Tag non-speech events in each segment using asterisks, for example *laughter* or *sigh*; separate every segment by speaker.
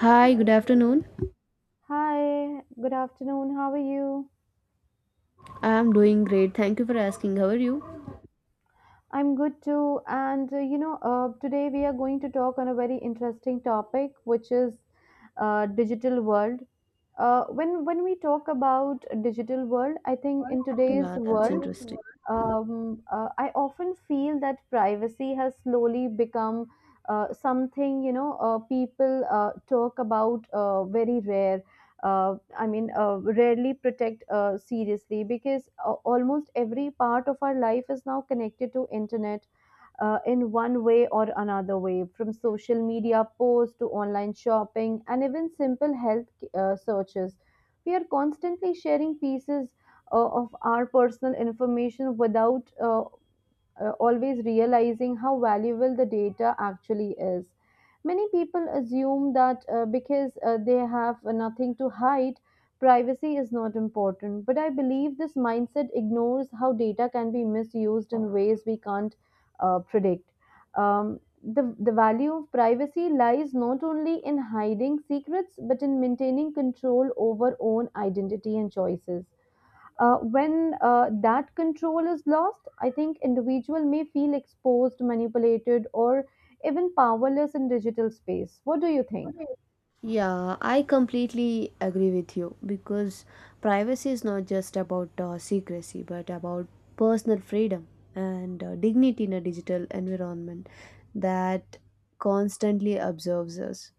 Speaker 1: Hi, good afternoon.
Speaker 2: Hi, good afternoon. How are you?
Speaker 1: I'm doing great. Thank you for asking. How are you?
Speaker 2: I'm good too. And today we are going to talk on a very interesting topic, which is digital world. When we talk about digital world, I think in today's
Speaker 1: Yeah, that's
Speaker 2: world,
Speaker 1: interesting.
Speaker 2: I often feel that privacy has slowly become something people talk about very rare. I mean, rarely protect seriously because almost every part of our life is now connected to internet in one way or another way, from social media posts to online shopping and even simple health searches. We are constantly sharing pieces of our personal information without always realizing how valuable the data actually is. Many people assume that because they have nothing to hide, privacy is not important. But I believe this mindset ignores how data can be misused in ways we can't predict. The value of privacy lies not only in hiding secrets but in maintaining control over own identity and choices. When that control is lost, I think individual may feel exposed, manipulated, or even powerless in digital space. What do you think?
Speaker 1: Yes, yeah, I completely agree with you because privacy is not just about secrecy but about personal freedom and dignity in a digital environment that constantly observes us.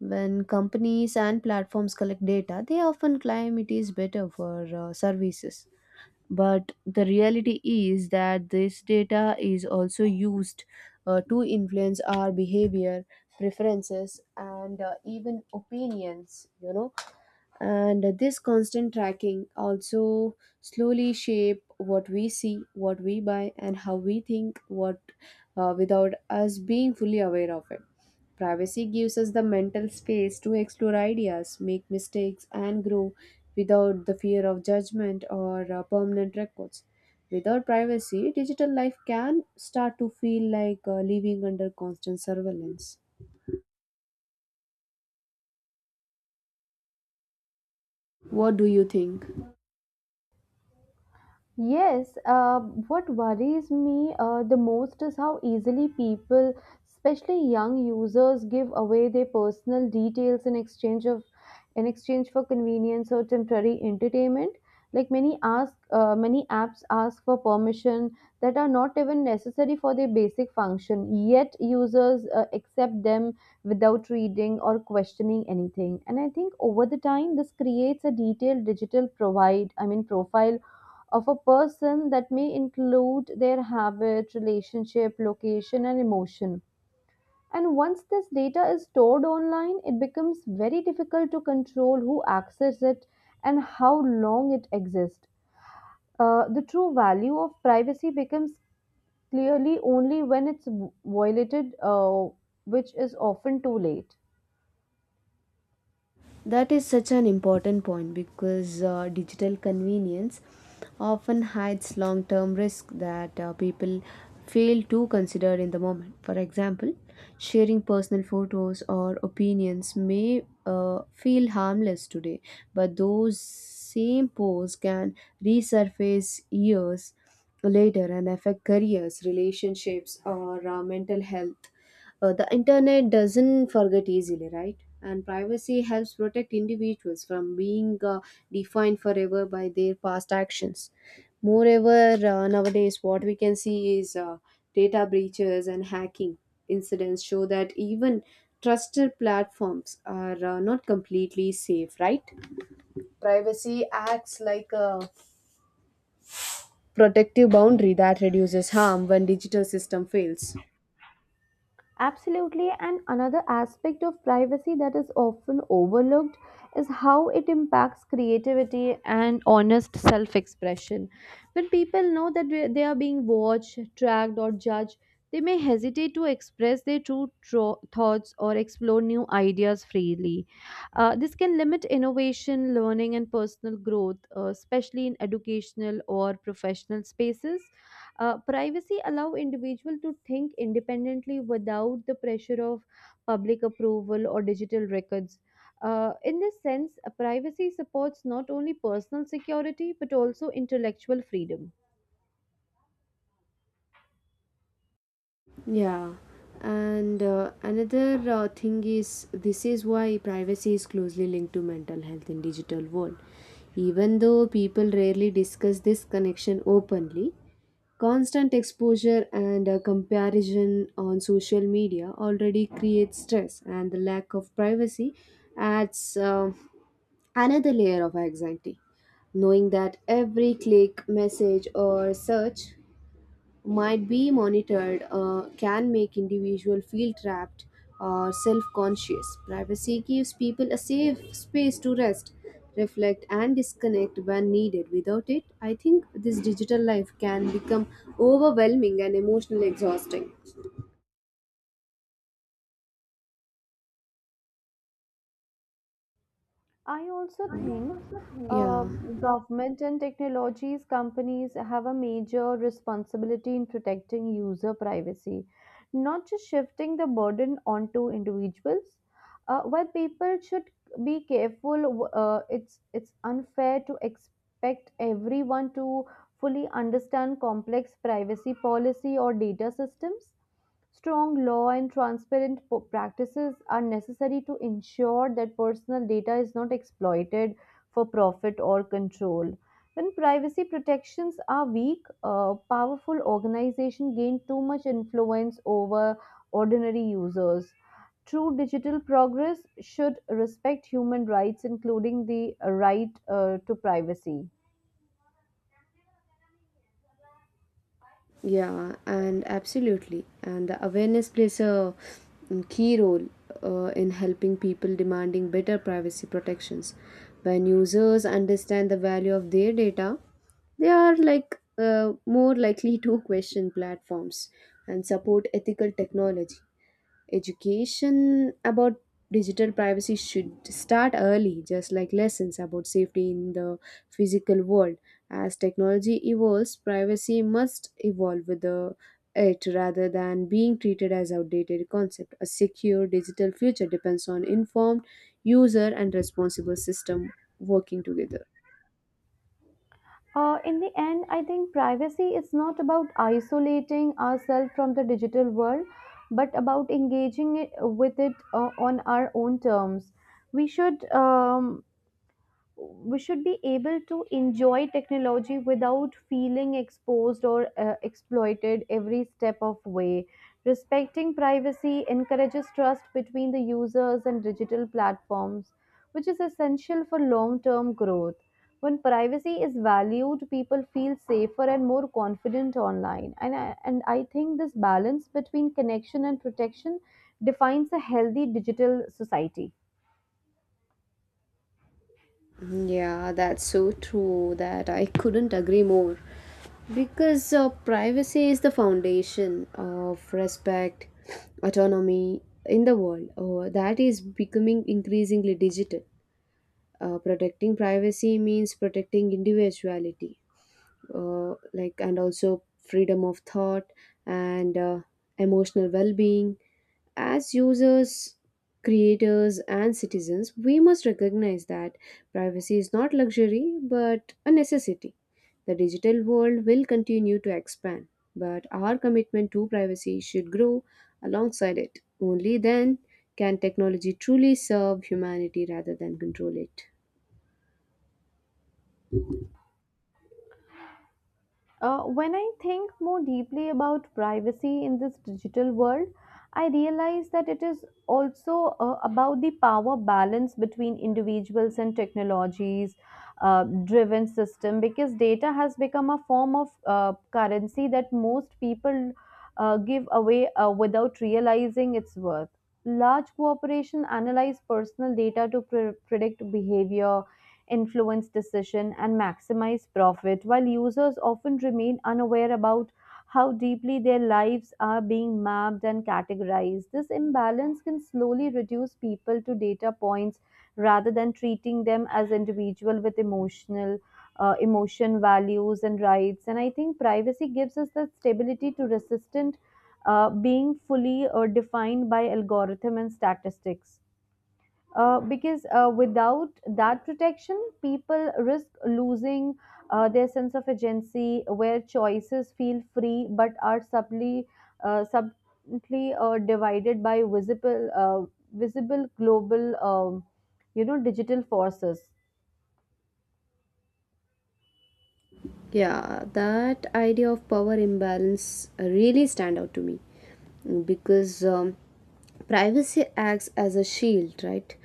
Speaker 1: When companies and platforms collect data, they often claim it is better for services. But the reality is that this data is also used to influence our behavior, preferences, and even opinions, you know, and this constant tracking also slowly shape what we see, what we buy, and how we think, what without us being fully aware of it. Privacy gives us the mental space to explore ideas, make mistakes, and grow without the fear of judgment or permanent records. Without privacy, digital life can start to feel like living under constant surveillance. What do you think?
Speaker 2: Yes. What worries me the most is how easily people, especially young users, give away their personal details in exchange for convenience or temporary entertainment. Like many apps ask for permission that are not even necessary for their basic function. Yet users accept them without reading or questioning anything. And I think over the time, this creates a detailed digital provide. I mean profile of a person that may include their habit, relationship, location, and emotion. And once this data is stored online, it becomes very difficult to control who accesses it and how long it exists. The true value of privacy becomes clearly only when it's violated, which is often too late.
Speaker 1: That is such an important point because digital convenience often hides long term risk that people fail to consider in the moment. For example, sharing personal photos or opinions may feel harmless today, but those same posts can resurface years later and affect careers, relationships, or mental health. The internet doesn't forget easily, right? And privacy helps protect individuals from being defined forever by their past actions. Moreover, nowadays, what we can see is data breaches and hacking incidents show that even trusted platforms are not completely safe, right? Privacy acts like a protective boundary that reduces harm when digital system fails.
Speaker 2: Absolutely, and another aspect of privacy that is often overlooked is how it impacts creativity and honest self expression. When people know that they are being watched, tracked, or judged, they may hesitate to express their true thoughts or explore new ideas freely. This can limit innovation, learning, and personal growth, especially in educational or professional spaces. Privacy allow individual to think independently without the pressure of public approval or digital records. In this sense, privacy supports not only personal security but also intellectual freedom.
Speaker 1: Yeah, and another thing is this is why privacy is closely linked to mental health in digital world. Even though people rarely discuss this connection openly, constant exposure and comparison on social media already creates stress, and the lack of privacy adds another layer of anxiety. Knowing that every click, message, or search might be monitored can make individual feel trapped or self-conscious. Privacy gives people a safe space to rest, reflect, and disconnect when needed. Without it, I think this digital life can become overwhelming and emotionally exhausting.
Speaker 2: I also think uh,
Speaker 1: Yeah.
Speaker 2: government and technologies companies have a major responsibility in protecting user privacy, not just shifting the burden onto individuals. While people should be careful, it's unfair to expect everyone to fully understand complex privacy policy or data systems. Strong law and transparent practices are necessary to ensure that personal data is not exploited for profit or control. When privacy protections are weak, a powerful organizations gain too much influence over ordinary users. True digital progress should respect human rights, including the right to privacy.
Speaker 1: Yeah, and absolutely. And the awareness plays a key role in helping people demanding better privacy protections. When users understand the value of their data, they are like more likely to *laughs* question platforms and support ethical technology. Education about digital privacy should start early, just like lessons about safety in the physical world. As technology evolves, privacy must evolve with the it rather than being treated as outdated concept. A secure digital future depends on informed user and responsible system working together.
Speaker 2: In the end, I think privacy is not about isolating ourselves from the digital world, but about engaging with it on our own terms. We should um, we should be able to enjoy technology without feeling exposed or exploited every step of way. Respecting privacy encourages trust between the users and digital platforms, which is essential for long term growth. When privacy is valued, people feel safer and more confident online, and I think this balance between connection and protection defines a healthy digital society.
Speaker 1: Yeah, that's so true that I couldn't agree more. Because privacy is the foundation of respect, autonomy in the world. That is becoming increasingly digital. Protecting privacy means protecting individuality like and also freedom of thought and emotional well-being. As users, creators, and citizens, we must recognize that privacy is not luxury but a necessity. The digital world will continue to expand, but our commitment to privacy should grow alongside it. Only then can technology truly serve humanity rather than control it.
Speaker 2: When I think more deeply about privacy in this digital world, I realize that it is also about the power balance between individuals and technologies driven system, because data has become a form of currency that most people give away without realizing its worth. Large corporations analyze personal data to predict behavior, influence decision, and maximize profit, while users often remain unaware about how deeply their lives are being mapped and categorized. This imbalance can slowly reduce people to data points rather than treating them as individual with emotion values and rights, and I think privacy gives us that stability to resistant being fully defined by algorithm and statistics. Because Without that protection, people risk losing their sense of agency, where choices feel free but are subtly divided by visible global, digital forces.
Speaker 1: Yeah, that idea of power imbalance really stand out to me because privacy acts as a shield, right?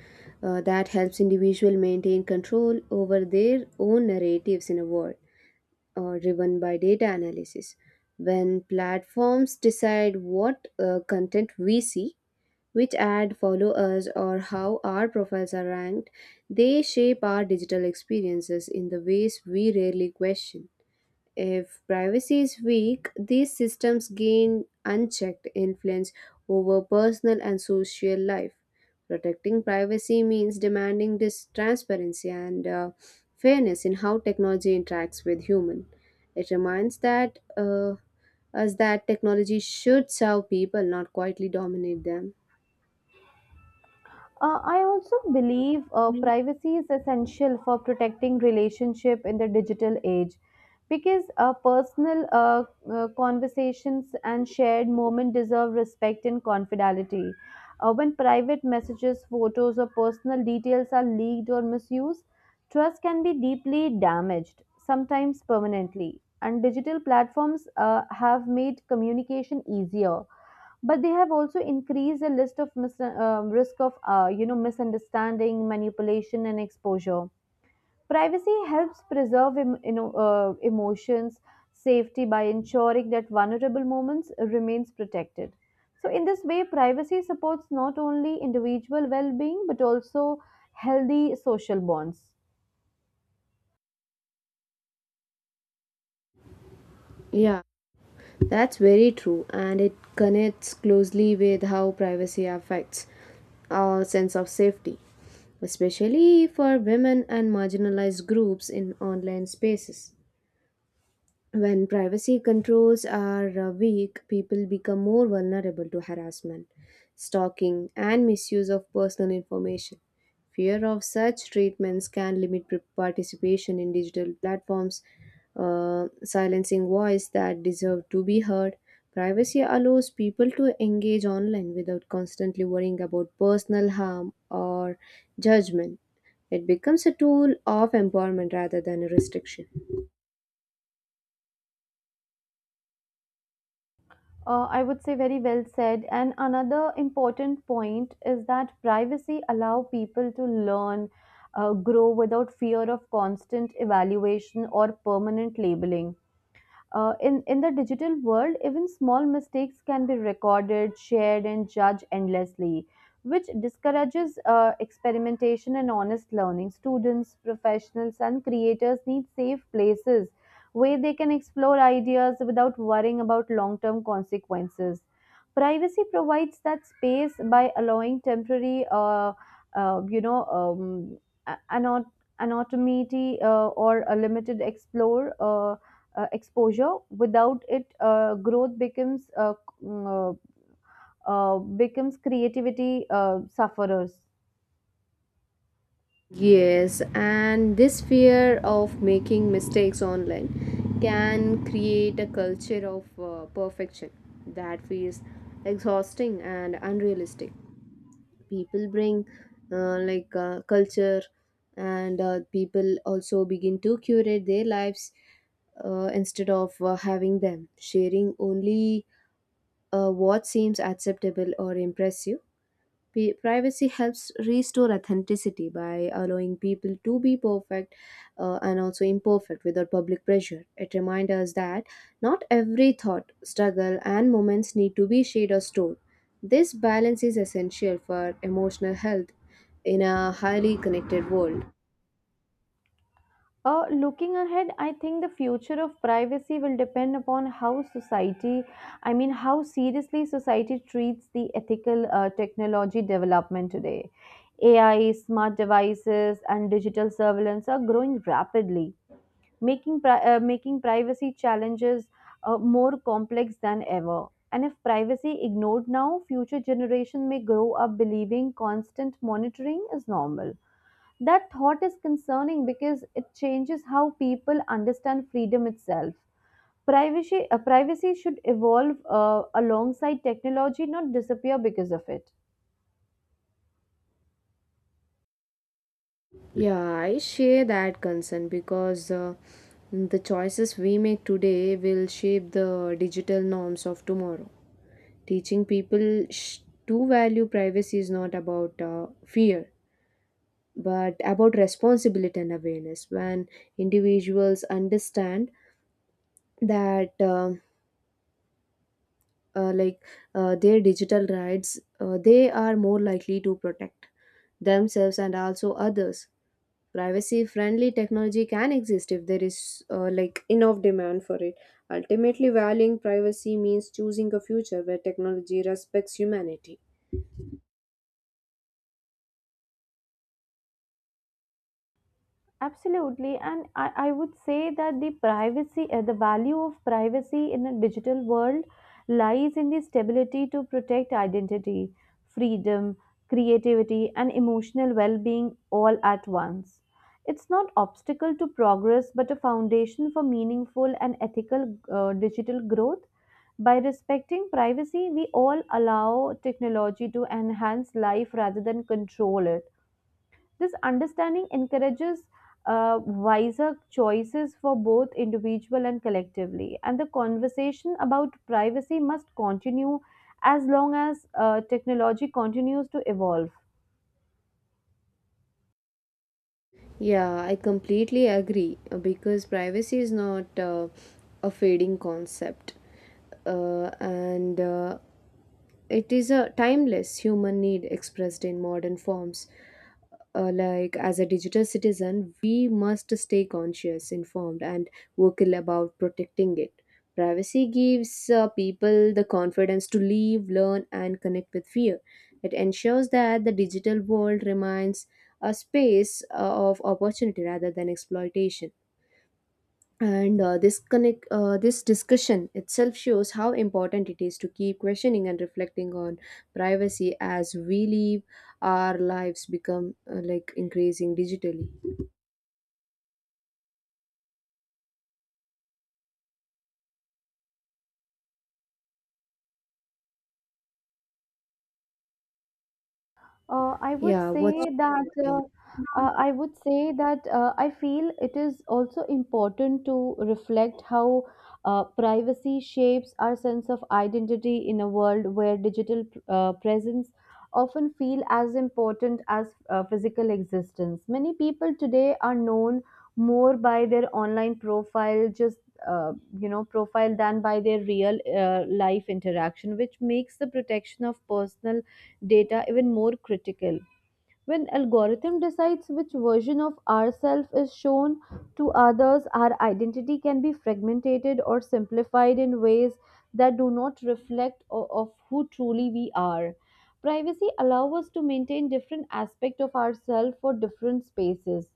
Speaker 1: That helps individual maintain control over their own narratives in a world driven by data analysis. When platforms decide what content we see, which ad follow us, or how our profiles are ranked, they shape our digital experiences in the ways we rarely question. If privacy is weak, these systems gain unchecked influence over personal and social life. Protecting privacy means demanding this transparency and fairness in how technology interacts with human. It reminds that us that technology should serve people, not quietly dominate them.
Speaker 2: I also believe privacy is essential for protecting relationship in the digital age because personal conversations and shared moment deserve respect and confidentiality. When private messages, photos, or personal details are leaked or misused, trust can be deeply damaged, sometimes permanently. And digital platforms have made communication easier, but they have also increased the list of risk of misunderstanding, manipulation and exposure. Privacy helps preserve emotions safety by ensuring that vulnerable moments remains protected, so in this way privacy supports not only individual well-being but also healthy social bonds.
Speaker 1: Yeah, that's very true, and it connects closely with how privacy affects our sense of safety, especially for women and marginalized groups in online spaces. When privacy controls are weak, people become more vulnerable to harassment, stalking, and misuse of personal information. Fear of such treatments can limit participation in digital platforms, silencing voice that deserve to be heard. Privacy allows people to engage online without constantly worrying about personal harm or judgment. It becomes a tool of empowerment rather than a restriction.
Speaker 2: I would say very well said. And another important point is that privacy allow people to learn, grow without fear of constant evaluation or permanent labeling. In the digital world, even small mistakes can be recorded, shared, and judged endlessly, which discourages experimentation and honest learning. Students, professionals, and creators need safe places where they can explore ideas without worrying about long term consequences. Privacy provides that space by allowing temporary, you know, a- anot- anonymity or a limited explore. Exposure. Without it, growth becomes mm, becomes creativity sufferers.
Speaker 1: Yes, and this fear of making mistakes online can create a culture of perfection that feels exhausting and unrealistic. People bring like culture, and people also begin to curate their lives instead of having them sharing only what seems acceptable or impressive. Privacy helps restore authenticity by allowing people to be perfect and also imperfect without public pressure. It reminds us that not every thought, struggle, and moments need to be shared or stored. This balance is essential for emotional health in a highly connected world.
Speaker 2: Looking ahead, I think the future of privacy will depend upon how seriously society treats the ethical technology development today. AI, smart devices, and digital surveillance are growing rapidly, making privacy challenges more complex than ever. And if privacy ignored now, future generation may grow up believing constant monitoring is normal. That thought is concerning because it changes how people understand freedom itself. Privacy should evolve alongside technology, not disappear because of it.
Speaker 1: Yeah, I share that concern because the choices we make today will shape the digital norms of tomorrow. Teaching people to value privacy is not about fear, but about responsibility and awareness. When individuals understand that, like their digital rights, they are more likely to protect themselves and also others. Privacy-friendly technology can exist if there is like enough demand for it. Ultimately, valuing privacy means choosing a future where technology respects humanity.
Speaker 2: Absolutely, and I would say that the value of privacy in a digital world lies in the stability to protect identity, freedom, creativity, and emotional well being all at once. It's not obstacle to progress, but a foundation for meaningful and ethical digital growth. By respecting privacy, we all allow technology to enhance life rather than control it. This understanding encourages wiser choices for both individual and collectively. And the conversation about privacy must continue as long as technology continues to evolve.
Speaker 1: Yeah, I completely agree because privacy is not a fading concept, and it is a timeless human need expressed in modern forms. Like as a digital citizen, we must stay conscious, informed, and vocal about protecting it. Privacy gives people the confidence to live, learn, and connect with fear. It ensures that the digital world remains a space of opportunity rather than exploitation. And this discussion itself shows how important it is to keep questioning and reflecting on privacy as we live our lives become like increasing digitally.
Speaker 2: Uh, I would
Speaker 1: Yeah, what's
Speaker 2: say that
Speaker 1: your
Speaker 2: uh,
Speaker 1: opinion?
Speaker 2: I would say that I feel it is also important to reflect how privacy shapes our sense of identity in a world where digital presence often feel as important as physical existence. Many people today are known more by their online profile, just uh, profile, than by their real life interaction, which makes the protection of personal data even more critical. When algorithm decides which version of ourself is shown to others, our identity can be fragmented or simplified in ways that do not reflect of who truly we are. Privacy allows us to maintain different aspects of ourselves for different spaces.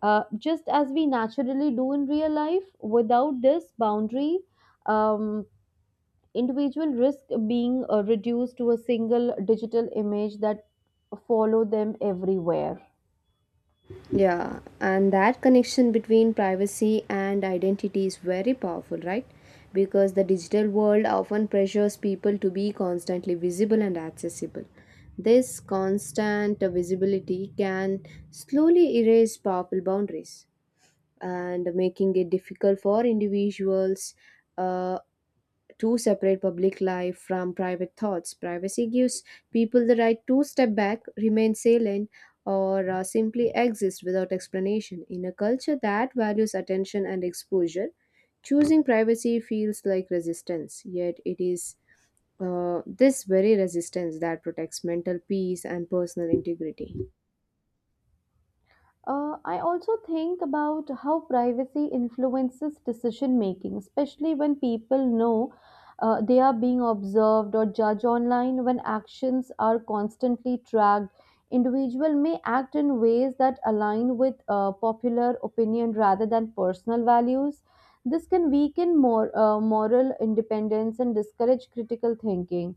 Speaker 2: Just as we naturally do in real life, without this boundary, um, individual risk being reduced to a single digital image that follow them everywhere.
Speaker 1: Yeah, and that connection between privacy and identity is very powerful, right? Because the digital world often pressures people to be constantly visible and accessible. This constant visibility can slowly erase powerful boundaries and making it difficult for individuals uh, to separate public life from private thoughts. Privacy gives people the right to step back, remain silent, or simply exist without explanation. In a culture that values attention and exposure, choosing privacy feels like resistance, yet, it is this very resistance that protects mental peace and personal integrity.
Speaker 2: I also think about how privacy influences decision making, especially when people know they are being observed or judged online. When actions are constantly tracked, individual may act in ways that align with popular opinion rather than personal values. This can weaken more moral independence and discourage critical thinking.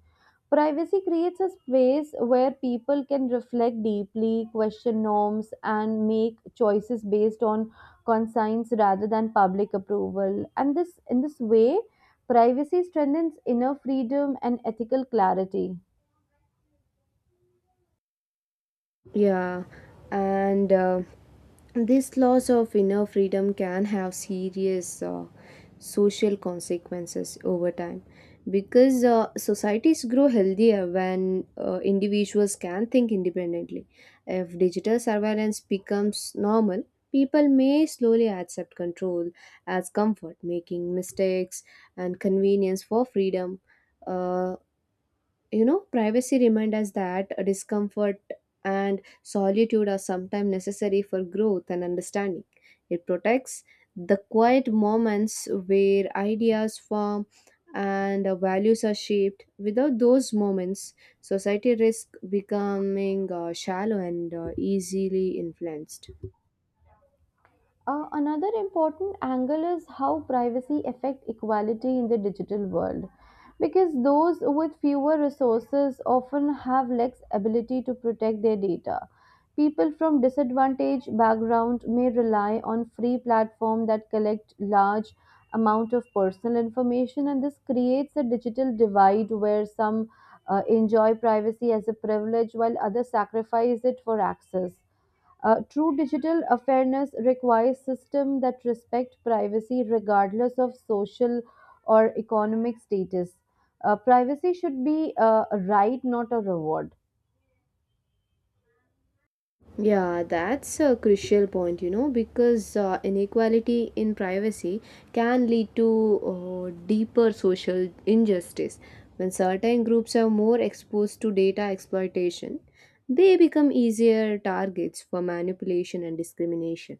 Speaker 2: Privacy creates a space where people can reflect deeply, question norms, and make choices based on conscience rather than public approval. And in this way, privacy strengthens inner freedom and ethical clarity.
Speaker 1: Yeah, and this loss of inner freedom can have serious social consequences over time because societies grow healthier when individuals can think independently. If digital surveillance becomes normal, people may slowly accept control as comfort, making mistakes and convenience for freedom. Uh, you know, privacy reminds us that discomfort and solitude are sometimes necessary for growth and understanding. It protects the quiet moments where ideas form and values are shaped. Without those moments, society risks becoming shallow and easily influenced.
Speaker 2: Another important angle is how privacy affect equality in the digital world, because those with fewer resources often have less ability to protect their data. People from disadvantaged background may rely on free platform that collect large amount of personal information, and this creates a digital divide where some enjoy privacy as a privilege while others sacrifice it for access. True digital fairness requires systems that respect privacy regardless of social or economic status. Privacy should be a right, not a reward.
Speaker 1: Yeah, that's a crucial point, you know, because inequality in privacy can lead to deeper social injustice. When certain groups are more exposed to data exploitation, they become easier targets for manipulation and discrimination.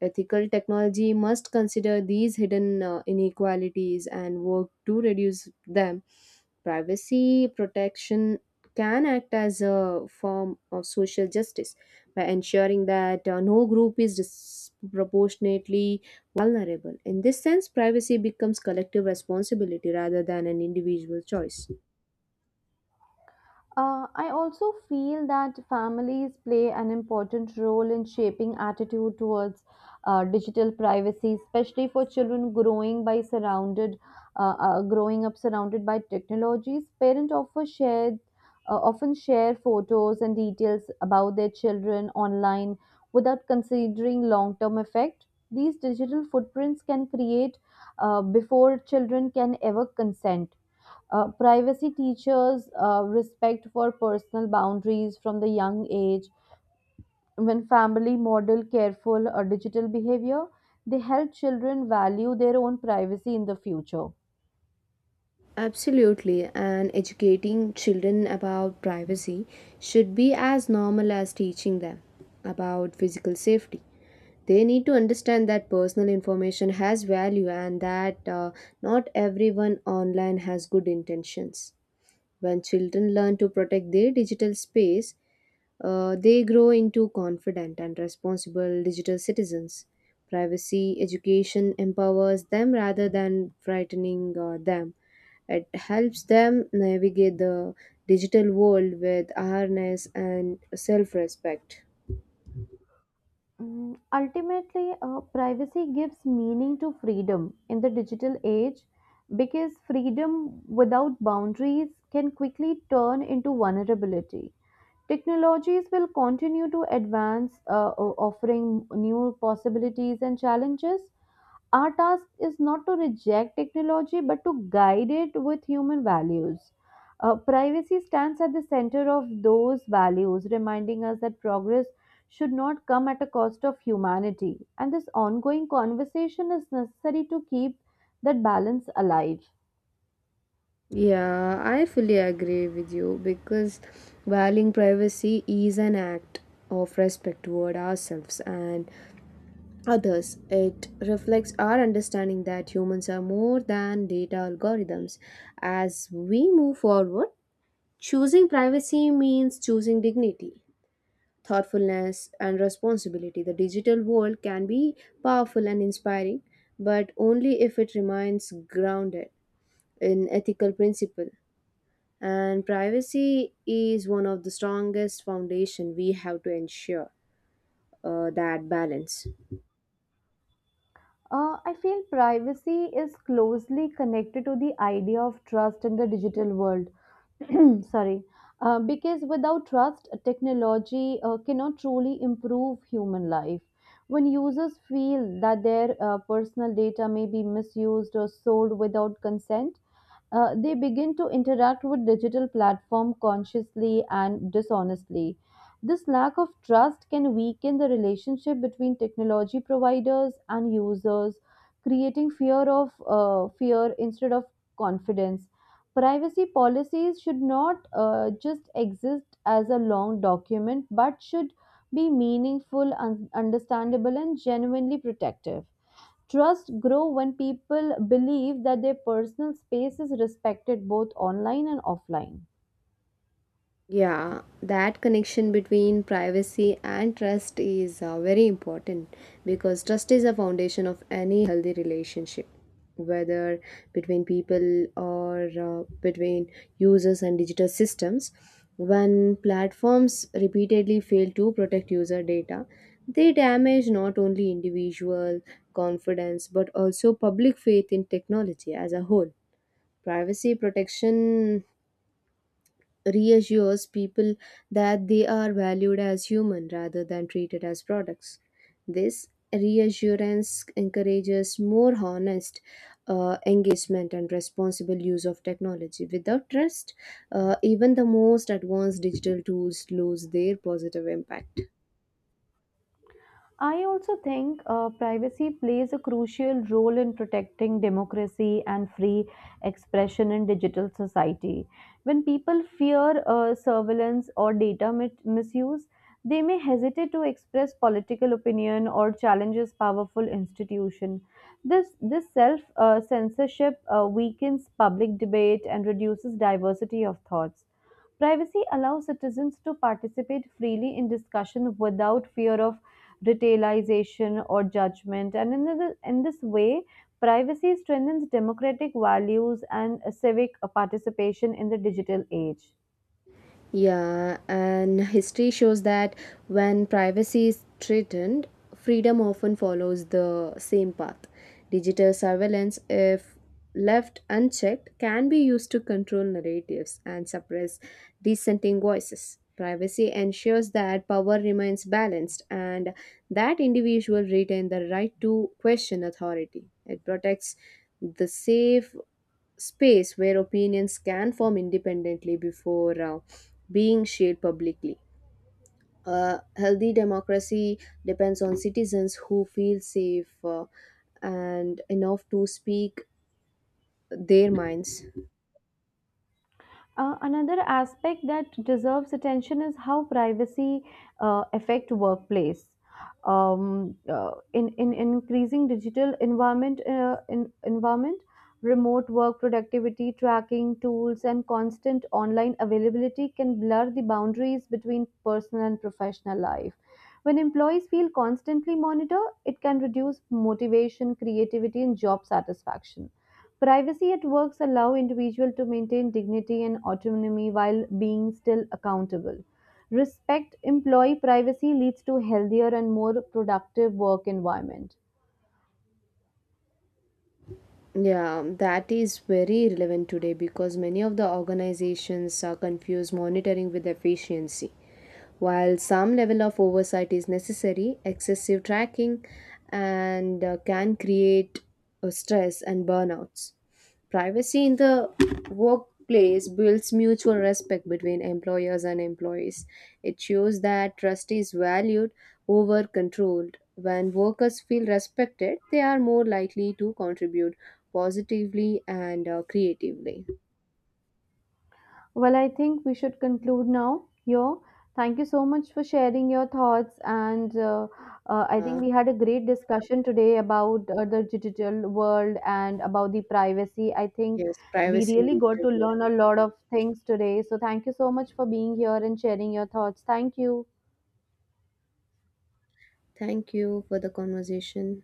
Speaker 1: Ethical technology must consider these hidden inequalities and work to reduce them. Privacy protection can act as a form of social justice by ensuring that no group is disproportionately vulnerable. In this sense, privacy becomes collective responsibility rather than an individual choice.
Speaker 2: I also feel that families play an important role in shaping attitude towards digital privacy, especially for children growing up surrounded by technologies. Parents often share photos and details about their children online without considering long-term effect. These digital footprints can create before children can ever consent. Privacy teaches respect for personal boundaries from the young age. When family model careful digital behavior, they help children value their own privacy in the future.
Speaker 1: Absolutely, and educating children about privacy should be as normal as teaching them about physical safety. They need to understand that personal information has value and that not everyone online has good intentions. When children learn to protect their digital space, they grow into confident and responsible digital citizens. Privacy education empowers them rather than frightening them. It helps them navigate the digital world with awareness and self respect.
Speaker 2: Ultimately, privacy gives meaning to freedom in the digital age, because freedom without boundaries can quickly turn into vulnerability. Technologies will continue to advance, offering new possibilities and challenges. Our task is not to reject technology but to guide it with human values. Privacy stands at the center of those values, reminding us that progress should not come at a cost of humanity. And this ongoing conversation is necessary to keep that balance alive.
Speaker 1: Yeah, I fully agree with you because valuing privacy is an act of respect toward ourselves and others. It reflects our understanding that humans are more than data algorithms. As we move forward, choosing privacy means choosing dignity, thoughtfulness, and responsibility. The digital world can be powerful and inspiring, but only if it remains grounded in ethical principle. And privacy is one of the strongest foundation we have to ensure that balance.
Speaker 2: I feel privacy is closely connected to the idea of trust in the digital world. *clears throat* Sorry. Because without trust, technology cannot truly improve human life. When users feel that their personal data may be misused or sold without consent, they begin to interact with digital platform consciously and dishonestly. This lack of trust can weaken the relationship between technology providers and users, creating fear of fear instead of confidence. Privacy policies should not just exist as a long document, but should be meaningful, understandable, and genuinely protective. Trust grow when people believe that their personal space is respected both online and offline.
Speaker 1: Yeah, that connection between privacy and trust is very important because trust is a foundation of any healthy relationship, whether between people or between users and digital systems. When platforms repeatedly fail to protect user data, they damage not only individual confidence but also public faith in technology as a whole. Privacy protection reassures people that they are valued as human rather than treated as products. This reassurance encourages more honest engagement and responsible use of technology. Without trust, even the most advanced digital tools lose their positive impact.
Speaker 2: I also think privacy plays a crucial role in protecting democracy and free expression in digital society. When people fear surveillance or data misuse, they may hesitate to express political opinion or challenges powerful institution. This self censorship weakens public debate and reduces diversity of thoughts. Privacy allows citizens to participate freely in discussion without fear of retailization or judgment. And in this way, privacy strengthens democratic values and civic participation in the digital age.
Speaker 1: Yeah, and history shows that when privacy is threatened, freedom often follows the same path. Digital surveillance, if left unchecked, can be used to control narratives and suppress dissenting voices. Privacy ensures that power remains balanced and that individuals retain the right to question authority. It protects the safe space where opinions can form independently before being shared publicly. A healthy democracy depends on citizens who feel safe and enough to speak their minds.
Speaker 2: Another aspect that deserves attention is how privacy affect workplace. In increasing digital environment, remote work productivity tracking tools and constant online availability can blur the boundaries between personal and professional life. When employees feel constantly monitored, it can reduce motivation, creativity, and job satisfaction. Privacy at works allow individuals to maintain dignity and autonomy while being still accountable. Respect employee privacy leads to healthier and more productive work environment.
Speaker 1: Yeah, that is very relevant today because many of the organizations are confused monitoring with efficiency. While some level of oversight is necessary, excessive tracking and can create stress and burnouts. Privacy in the workplace builds mutual respect between employers and employees. It shows that trust is valued over controlled. When workers feel respected, they are more likely to contribute positively and creatively.
Speaker 2: Well, I think we should conclude now here. Thank you so much for sharing your thoughts. And I think
Speaker 1: Uh,
Speaker 2: we had a great discussion today about the digital world and about the privacy. I think
Speaker 1: yes,
Speaker 2: we
Speaker 1: privacy in
Speaker 2: really got
Speaker 1: digital
Speaker 2: to
Speaker 1: world.
Speaker 2: learn a lot of things today. So, thank you so much for being here and sharing your thoughts. Thank you.
Speaker 1: Thank you for the conversation.